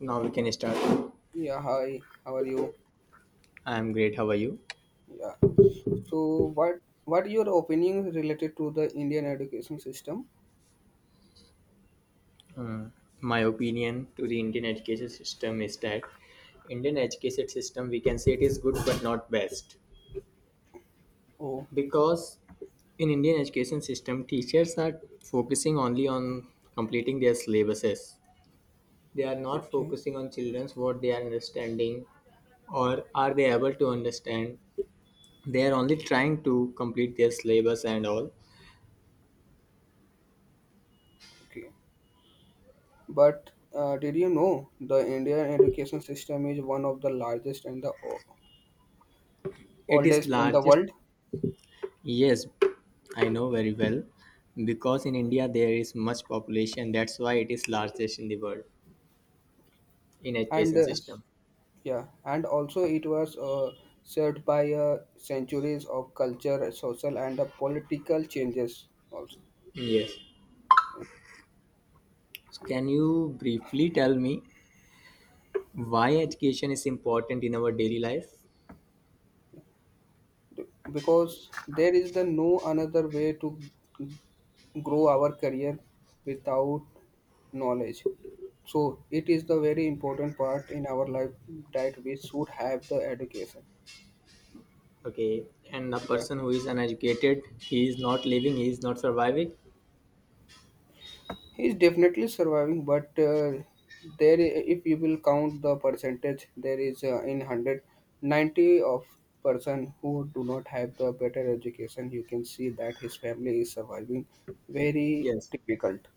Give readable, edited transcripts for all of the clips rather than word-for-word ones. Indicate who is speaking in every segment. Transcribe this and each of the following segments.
Speaker 1: Now we can start.
Speaker 2: Yeah, hi. How are you?
Speaker 1: I'm great. How are you?
Speaker 2: Yeah. So, what your opinion related to the Indian education system?
Speaker 1: My opinion to the Indian education system is that Indian education system we can say it is good but not best
Speaker 2: Oh,
Speaker 1: because in Indian education system teachers are focusing only on completing their syllabuses. They are not
Speaker 2: okay,
Speaker 1: focusing on children's what they are understanding or are they able to understand. They are only trying to complete their syllabus and all.
Speaker 2: okay. But did you know the Indian education system is one of the largest and the
Speaker 1: It is
Speaker 2: oldest in the
Speaker 1: largest.
Speaker 2: world?
Speaker 1: Yes, I know very well because in India there is much population. That's why it is largest in the world in
Speaker 2: And
Speaker 1: education system.
Speaker 2: yeah, and also it was served by centuries of culture, social, and political changes also
Speaker 1: Yes. So can you briefly tell me why education is important in our daily life?
Speaker 2: because there is the no another way to grow our career without knowledge. So it is the very important part in our life that we should have the education.
Speaker 1: Okay. And a
Speaker 2: Yeah,
Speaker 1: person who is uneducated, he is not living, he is not surviving.
Speaker 2: he is definitely surviving, but there, if you will count the percentage, there is in 190 of person who do not have the better education. You can see that his family is surviving very
Speaker 1: Yes.
Speaker 2: difficult.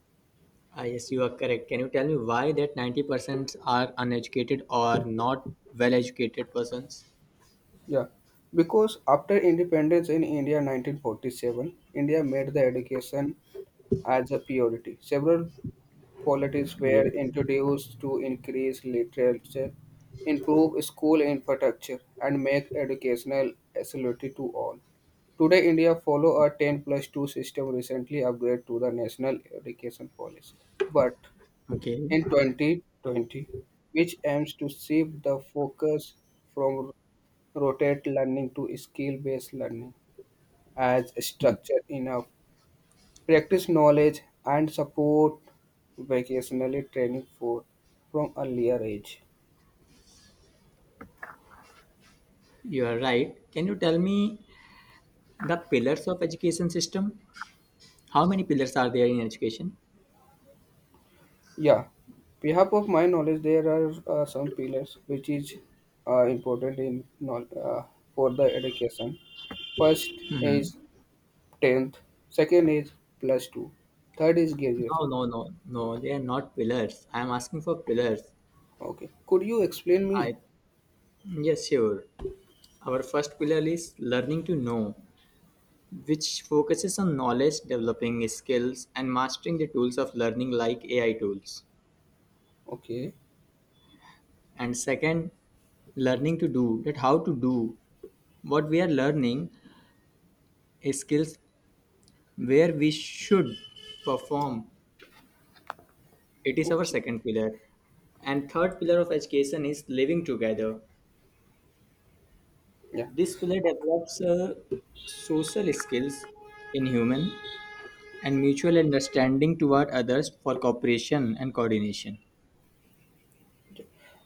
Speaker 1: Ah, yes, you are correct. Can you tell me why that 90% are uneducated or not well educated persons?
Speaker 2: Yeah, because after independence in India 1947, India made the education as a priority. Several policies were
Speaker 1: Yes.
Speaker 2: introduced to increase literature, improve school infrastructure, and make educational accessibility to all. Today, India follow a 10 plus 2 system recently upgraded to the National Education Policy. But
Speaker 1: Okay.
Speaker 2: in 2020, which aims to shift the focus from rotate learning to skill-based learning as structure enough practice knowledge and support vocationally training for from earlier age.
Speaker 1: You are right. Can you tell me the pillars of education system? How many pillars are there in education?
Speaker 2: Yeah, behalf of my knowledge there are some pillars which is important in for the education. First is
Speaker 1: hmm
Speaker 2: 10th, second is plus 2, third is
Speaker 1: No,
Speaker 2: graduation.
Speaker 1: no, no, no. They are not pillars. I am asking for pillars.
Speaker 2: Okay, could you explain me?
Speaker 1: I Yes, sure. Our first pillar is learning to know, which focuses on knowledge, developing skills, and mastering the tools of learning like AI tools.
Speaker 2: Okay.
Speaker 1: And second, learning to do, that how to do what we are learning is skills where we should perform. It is our
Speaker 2: Okay.
Speaker 1: second pillar. And third pillar of education is living together.
Speaker 2: Yeah,
Speaker 1: This pillar develops social skills in human and mutual understanding toward others for cooperation and coordination.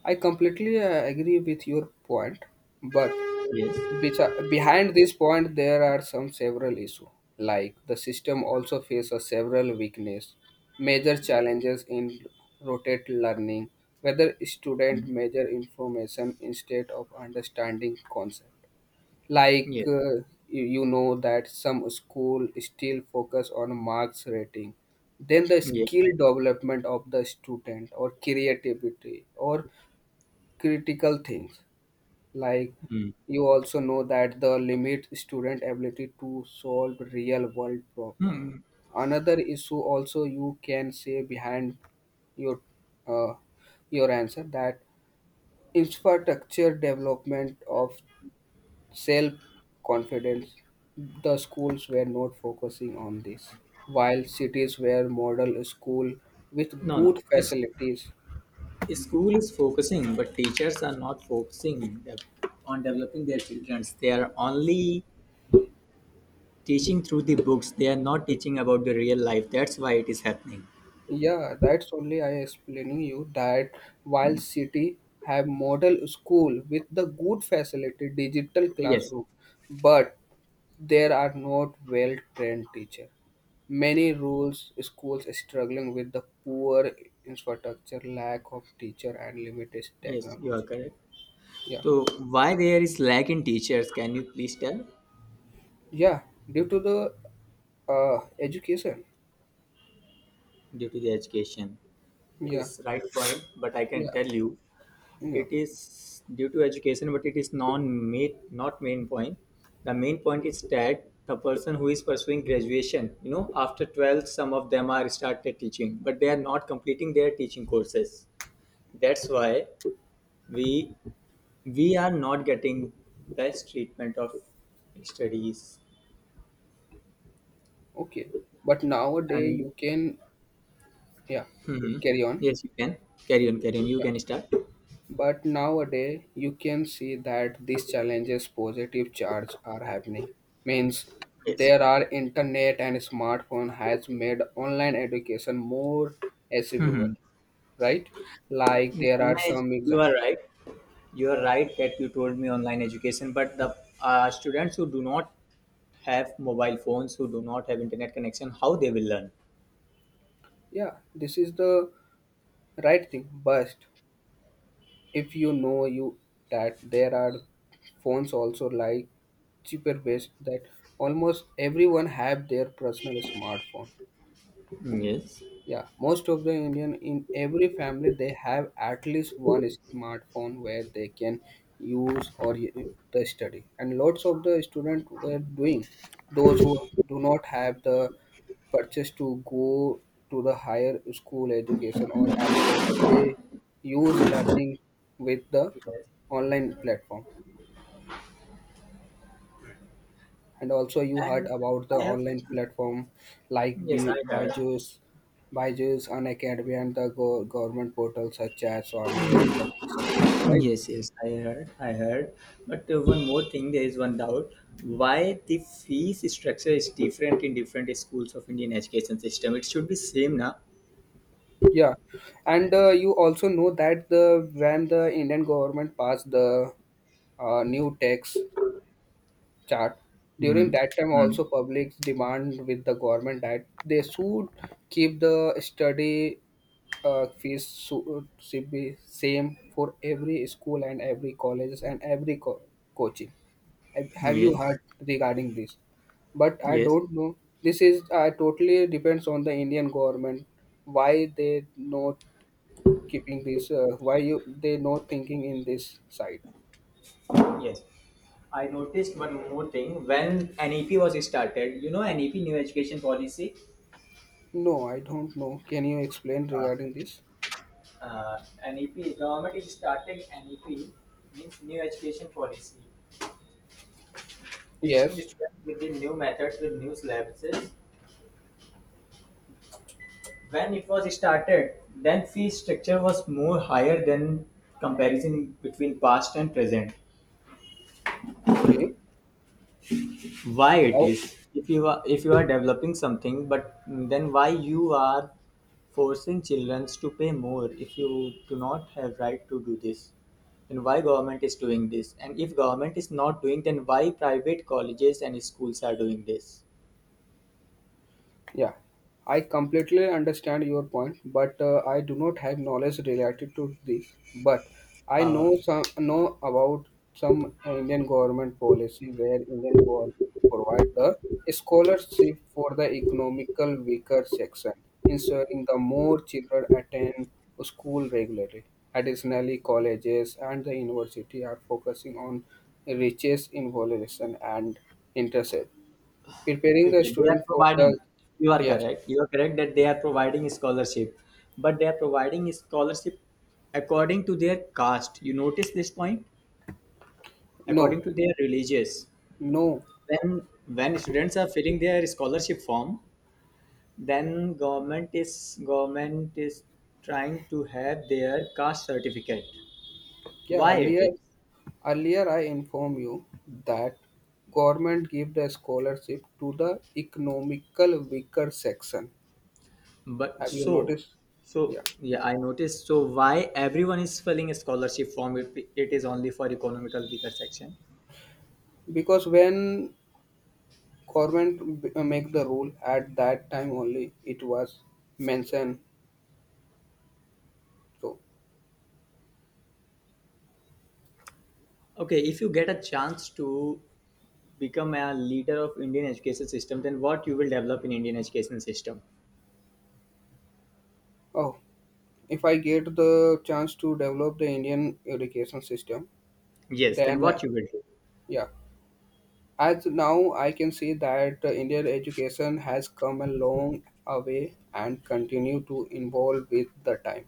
Speaker 2: I completely agree with your point, but
Speaker 1: Yes.
Speaker 2: behind this point there are some several issues. Like the system also faces several weakness, major challenges in rotate learning, whether student measure information instead of understanding concept. Like
Speaker 1: Yes.
Speaker 2: you know that some school still focus on marks rating, then the
Speaker 1: Yes.
Speaker 2: skill development of the student or creativity or critical things like
Speaker 1: Mm.
Speaker 2: you also know that the limit student ability to solve real world problem. Another issue also you can say behind your uh, your answer that infrastructure development of self confidence, the schools were not focusing on this, while cities were model school with
Speaker 1: No, no.
Speaker 2: good
Speaker 1: Is
Speaker 2: facilities.
Speaker 1: school is focusing, but teachers are not focusing on developing their children. They are only teaching through the books. They are not teaching about the real life. That's why it is happening.
Speaker 2: Yeah, that's only I explaining you that while city have model school with the good facility digital
Speaker 1: Yes.
Speaker 2: classroom, but there are not well trained teacher. Many rules schools struggling with the poor infrastructure, lack of teacher and limited
Speaker 1: Yes, you are
Speaker 2: technology.
Speaker 1: correct.
Speaker 2: Yeah,
Speaker 1: So why there is lack in teachers? Can you please tell?
Speaker 2: yeah, due to the education.
Speaker 1: Due to the education, it
Speaker 2: Yeah,
Speaker 1: is right point, but I can
Speaker 2: yeah,
Speaker 1: tell you,
Speaker 2: yeah.
Speaker 1: it is due to education, but it is non main not main point. The main point is that the person who is pursuing graduation, after 12, some of them are started teaching, but they are not completing their teaching courses. That's why we we are not getting best treatment of studies
Speaker 2: Okay, but nowadays
Speaker 1: and
Speaker 2: you can yeah carry on.
Speaker 1: Yes, you can. Carry on, carry on. You
Speaker 2: Yeah.
Speaker 1: can start.
Speaker 2: But nowadays, you can see that these challenges positive charge are happening. Means
Speaker 1: Yes.
Speaker 2: there are internet and smartphone has made online education more accessible, right? Like there are
Speaker 1: Online,
Speaker 2: some
Speaker 1: you
Speaker 2: exam.
Speaker 1: are right. You are right that you told me online education, but the students who do not have mobile phones, who do not have internet connection, how they will learn?
Speaker 2: Yeah, this is the right thing. But if you know you that there are phones also like cheaper ways that almost everyone have their personal smartphone.
Speaker 1: Yes.
Speaker 2: Yeah, most of the Indian in every family they have at least one smartphone where they can use or the study, and lots of the students were doing. Those who do not have the purchase to go to the higher school education or abroad, they use learning with the
Speaker 1: Yes.
Speaker 2: online platform. And also you heard
Speaker 1: And
Speaker 2: about the
Speaker 1: I have.
Speaker 2: online platform like
Speaker 1: Yes, I heard.
Speaker 2: Byju's, Byju's, Unacademy, and the government portals such as Swami and the Diksha, right?
Speaker 1: Yes, yes, I heard. I heard. But one more thing, there is one doubt. Why the fees structure is different in different schools of Indian education system? It should be same, na?
Speaker 2: Yeah, and you also know that the when the Indian government passed the new tax chart. During
Speaker 1: Mm-hmm.
Speaker 2: that time, also public demand with the government that they should keep the study fees should be same for every school and every colleges and every coaching. Have you
Speaker 1: Yes.
Speaker 2: heard regarding this? But I
Speaker 1: Yes.
Speaker 2: don't know. This is totally depends on the Indian government why they not keeping this. Why you they not thinking in this side?
Speaker 1: Yes. I noticed one more thing. When NEP was started, NEP, New Education Policy,
Speaker 2: No, I don't know. Can you explain
Speaker 1: uh,
Speaker 2: regarding this?
Speaker 1: uh, NEP, government is starting NEP, means New Education Policy, teaching the
Speaker 2: Yes.
Speaker 1: students with the new methods, with new syllabuses. When it was started, then fee structure was more higher than comparison between past and present.
Speaker 2: Okay.
Speaker 1: Why it
Speaker 2: How?
Speaker 1: is, if you are developing something, but then why you are forcing children to pay more? If you do not have right to do this, then why government is doing this? And if government is not doing, then why private colleges and schools are doing this?
Speaker 2: Yeah. I completely understand your point, but I do not have knowledge related to this. But I
Speaker 1: uh,
Speaker 2: know some know about some Indian government policy where Indian government provide the scholarship for the economical weaker section, ensuring the more children attend school regularly. Additionally, colleges and the university are focusing on riches involution and interest preparing the
Speaker 1: okay, they are
Speaker 2: student for
Speaker 1: providing.
Speaker 2: the
Speaker 1: you are
Speaker 2: yes.
Speaker 1: correct you are correct that they are providing scholarship, but they are providing scholarship according to their caste. You notice this point?
Speaker 2: No,
Speaker 1: According to their religious,
Speaker 2: no.
Speaker 1: when when students are filling their scholarship form, then government is trying to have their caste certificate.
Speaker 2: Yeah,
Speaker 1: Why it
Speaker 2: earlier
Speaker 1: is?
Speaker 2: earlier I inform you that government give the scholarship to the economical weaker section.
Speaker 1: but
Speaker 2: Have you
Speaker 1: so
Speaker 2: noticed?
Speaker 1: so
Speaker 2: Yeah,
Speaker 1: yeah, I noticed. So why everyone is filling a scholarship form if it is only for economical weaker section?
Speaker 2: because when government make the rule at that time only it was mentioned. So
Speaker 1: Okay, if you get a chance to become a leader of Indian education system, then what you will develop in Indian education system?
Speaker 2: oh, if I get the chance to develop the Indian education system,
Speaker 1: Yes, then
Speaker 2: then
Speaker 1: what you will do?
Speaker 2: yeah. As now, I can see that Indian education has come a long way and continue to evolve with the time.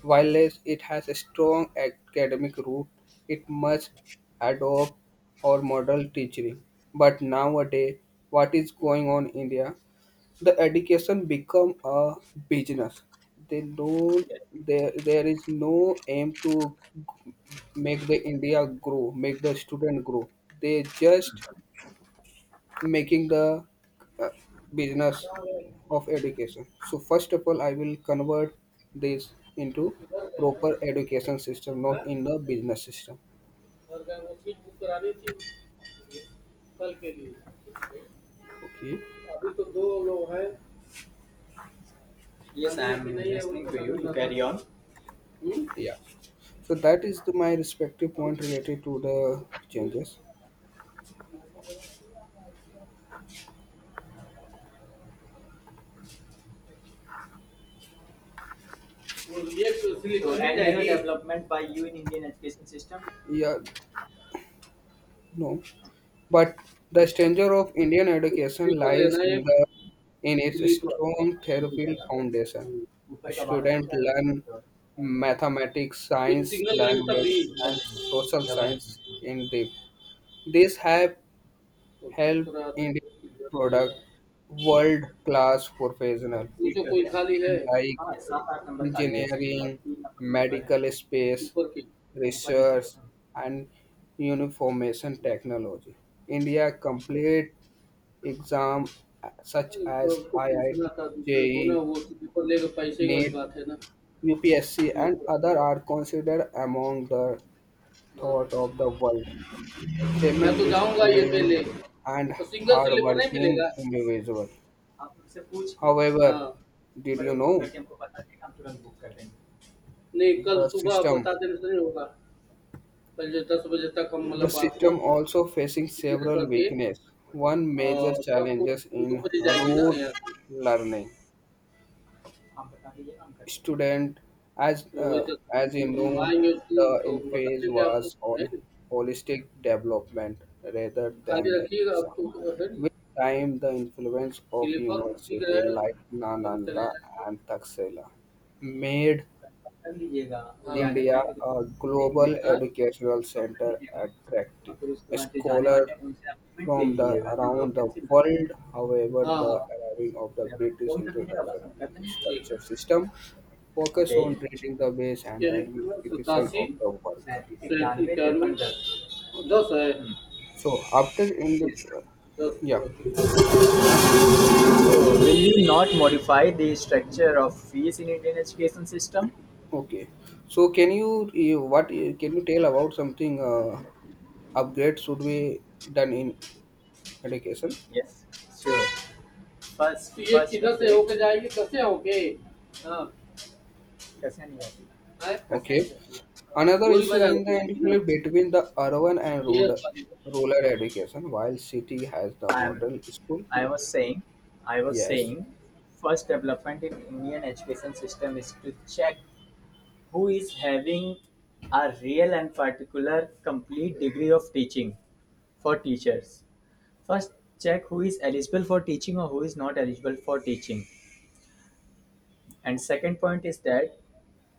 Speaker 2: While less it has a strong academic root, it must adopt or model teaching. But nowadays, what is going on in India? The education become a business. They don't. There is no aim to g- make the India grow, make the student grow. They just making the uh, business of education. So first of all, I will convert this into proper
Speaker 1: Yes.
Speaker 2: education system, not
Speaker 1: हैं?
Speaker 2: in the business system.
Speaker 1: और क्या वो seat book करानी थी कल के लिए?
Speaker 2: Okay.
Speaker 1: अभी तो दो लोग हैं। Yes, I am अभी नहीं है, listening to उनको you. You समझ carry on. Hmm?
Speaker 2: Yeah. So that is the, my respective point
Speaker 1: और
Speaker 2: related to the
Speaker 1: वो-
Speaker 2: changes.
Speaker 1: वो लिए तो स्लिप So, हो and any जाएगी development by you in Indian education system?
Speaker 2: Yeah. No. But the danger of Indian education
Speaker 1: sleeper
Speaker 2: lies
Speaker 1: लेना है।
Speaker 2: in the in its
Speaker 1: sleeper
Speaker 2: strong
Speaker 1: मिल
Speaker 2: theoretical foundation,
Speaker 1: जाएगा। ऊपर का बारह सौ
Speaker 2: students
Speaker 1: का है
Speaker 2: learn
Speaker 1: ना?
Speaker 2: mathematics,
Speaker 1: एक
Speaker 2: science,
Speaker 1: सिग्नल रहेगा तब
Speaker 2: language, and
Speaker 1: भी
Speaker 2: social
Speaker 1: double,
Speaker 2: science in depth. This have
Speaker 1: तो
Speaker 2: helped
Speaker 1: दूसरा आदमी
Speaker 2: India
Speaker 1: को सिग्नल रहेगा।
Speaker 2: product world-class
Speaker 1: ये
Speaker 2: professional,
Speaker 1: तो सीट कोई स्लीपर
Speaker 2: in
Speaker 1: है। खाली है।
Speaker 2: fields like
Speaker 1: हाँ, 7-8 नंबर खाली है सीट और
Speaker 2: engineering,
Speaker 1: 3 नंबर स्लीपर है।
Speaker 2: medical space,
Speaker 1: ऊपर की। ऊपर-नीचे
Speaker 2: research,
Speaker 1: दोनों हैं।
Speaker 2: and uniformation technology. India complete exam such
Speaker 1: अरे थोड़ा
Speaker 2: as
Speaker 1: उसको
Speaker 2: IIT,
Speaker 1: पूछना था दूसरे को ना,
Speaker 2: JEE,
Speaker 1: वो स्लीपर लेगा, पैसे की वाली
Speaker 2: NET,
Speaker 1: बात है ना,
Speaker 2: UPSC,
Speaker 1: इसलिए
Speaker 2: and
Speaker 1: थोड़ा
Speaker 2: other
Speaker 1: लगा।
Speaker 2: are considered among the thought of the
Speaker 1: हाँ।
Speaker 2: world,
Speaker 1: मैं
Speaker 2: shaping
Speaker 1: तो जाऊँगा ये पे
Speaker 2: discipline
Speaker 1: ले।
Speaker 2: and
Speaker 1: तो सिंगल स्लीपर नहीं
Speaker 2: hardworking
Speaker 1: मिलेगा?
Speaker 2: individual.
Speaker 1: आप उनसे पूछ के हाँ।
Speaker 2: However, did
Speaker 1: नंबर
Speaker 2: you
Speaker 1: पे फ़ोन
Speaker 2: know
Speaker 1: करके हमको बता देना, हम तुरंत बुक कर देंगे। नहीं, कल
Speaker 2: the
Speaker 1: सुबह
Speaker 2: system?
Speaker 1: बता देने से नहीं होगा। पहले 10 बजे तक हम
Speaker 2: The
Speaker 1: मतलब आपको
Speaker 2: system also facing
Speaker 1: clear
Speaker 2: several
Speaker 1: करके
Speaker 2: weaknesses. One
Speaker 1: अ,
Speaker 2: major
Speaker 1: बस तो
Speaker 2: challenges
Speaker 1: 2
Speaker 2: in
Speaker 1: बजे जाएगी ना
Speaker 2: rote
Speaker 1: यहाँ से?
Speaker 2: learning
Speaker 1: आप बता दीजिए हम कर देंगे।
Speaker 2: student as
Speaker 1: तो वही
Speaker 2: uh, as you
Speaker 1: तो
Speaker 2: know
Speaker 1: हम आएँगे
Speaker 2: the
Speaker 1: स्कूल तो बता
Speaker 2: emphasis
Speaker 1: देंगे आपको,
Speaker 2: was
Speaker 1: है
Speaker 2: on
Speaker 1: ना?
Speaker 2: holistic development rather than
Speaker 1: खाली
Speaker 2: the
Speaker 1: रखिएगा अब
Speaker 2: exam.
Speaker 1: तो है ना,
Speaker 2: With time the influence of
Speaker 1: sleeper ठीक
Speaker 2: university
Speaker 1: रहेगा,
Speaker 2: like
Speaker 1: वो तो चले
Speaker 2: nananda
Speaker 1: जाएँगे।
Speaker 2: and taxila made
Speaker 1: कंफर्म कर लीजिएगा वो, हाँ। जाने
Speaker 2: india
Speaker 1: कहेंगे तो
Speaker 2: a
Speaker 1: ले
Speaker 2: global
Speaker 1: लीजिएगा, हाँ। टिकट
Speaker 2: educational
Speaker 1: कंफर्म कर
Speaker 2: center
Speaker 1: लीजिएगा और
Speaker 2: attractive
Speaker 1: फिर उसके बाद जो जाने
Speaker 2: scholars
Speaker 1: वाले हैं उनसे आप पेमेंट ले
Speaker 2: from the
Speaker 1: लीजिएगा, नहीं तो हाँ, वो
Speaker 2: around the
Speaker 1: कैंसिल हो
Speaker 2: world. However,
Speaker 1: जाएगा। हाँ,
Speaker 2: the
Speaker 1: हाँ।
Speaker 2: arriving of the
Speaker 1: फिर आप
Speaker 2: British
Speaker 1: फ़ोन कर दीजिएगा,
Speaker 2: introduction
Speaker 1: बस हम
Speaker 2: and
Speaker 1: कर
Speaker 2: new
Speaker 1: देंगे, ठीक है।
Speaker 2: structure system focus
Speaker 1: okay.
Speaker 2: on treating the base and the
Speaker 1: यह इक्यावन
Speaker 2: unification
Speaker 1: सतासी
Speaker 2: of the work.
Speaker 1: इक्यानवे
Speaker 2: Okay.
Speaker 1: दस है।
Speaker 2: So after in the, yeah. So
Speaker 1: Will you not modify the structure of fees in Indian education system?
Speaker 2: okay. So can you eh, what eh, can you tell about something upgrade should be done in education?
Speaker 1: Yes. Sure. First, ये first किधर से होके जाएगी, कैसे होके? हाँ। कसिया नहीं जाती है? कसिया नहीं
Speaker 2: Okay.
Speaker 1: जाती? हाँ,
Speaker 2: Another
Speaker 1: गोली
Speaker 2: issue
Speaker 1: बाजार
Speaker 2: in the
Speaker 1: होके जाएगी ना।
Speaker 2: interplay between the urban and
Speaker 1: ये
Speaker 2: rural, rural education, while city has the
Speaker 1: I am
Speaker 2: model school.
Speaker 1: I was saying I was
Speaker 2: Yes,
Speaker 1: saying first development in Indian education system is to check who is having a real and particular complete degree of teaching for teachers. First, check who is eligible for teaching or who is not eligible for teaching. And
Speaker 2: okay,
Speaker 1: second point is that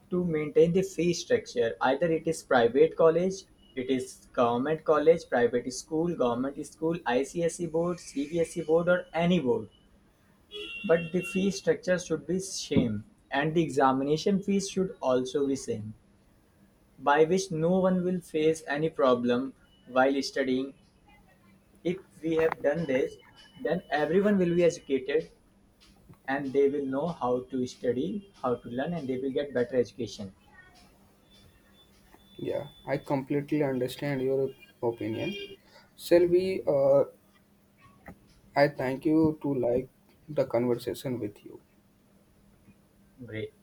Speaker 1: to maintain the fee structure, either it is private college, it is government college, private school, government school, ICSE board, CBSE board, or any board. But the fee structure should be same, and the examination fees should also be same, by which no one will face any problem while studying. If we have done this, then everyone will be educated and they will know how to study, how to learn, and they will get better education.
Speaker 2: yeah, I completely understand your opinion. Selvi, I thank you to like the conversation with you.
Speaker 1: Great.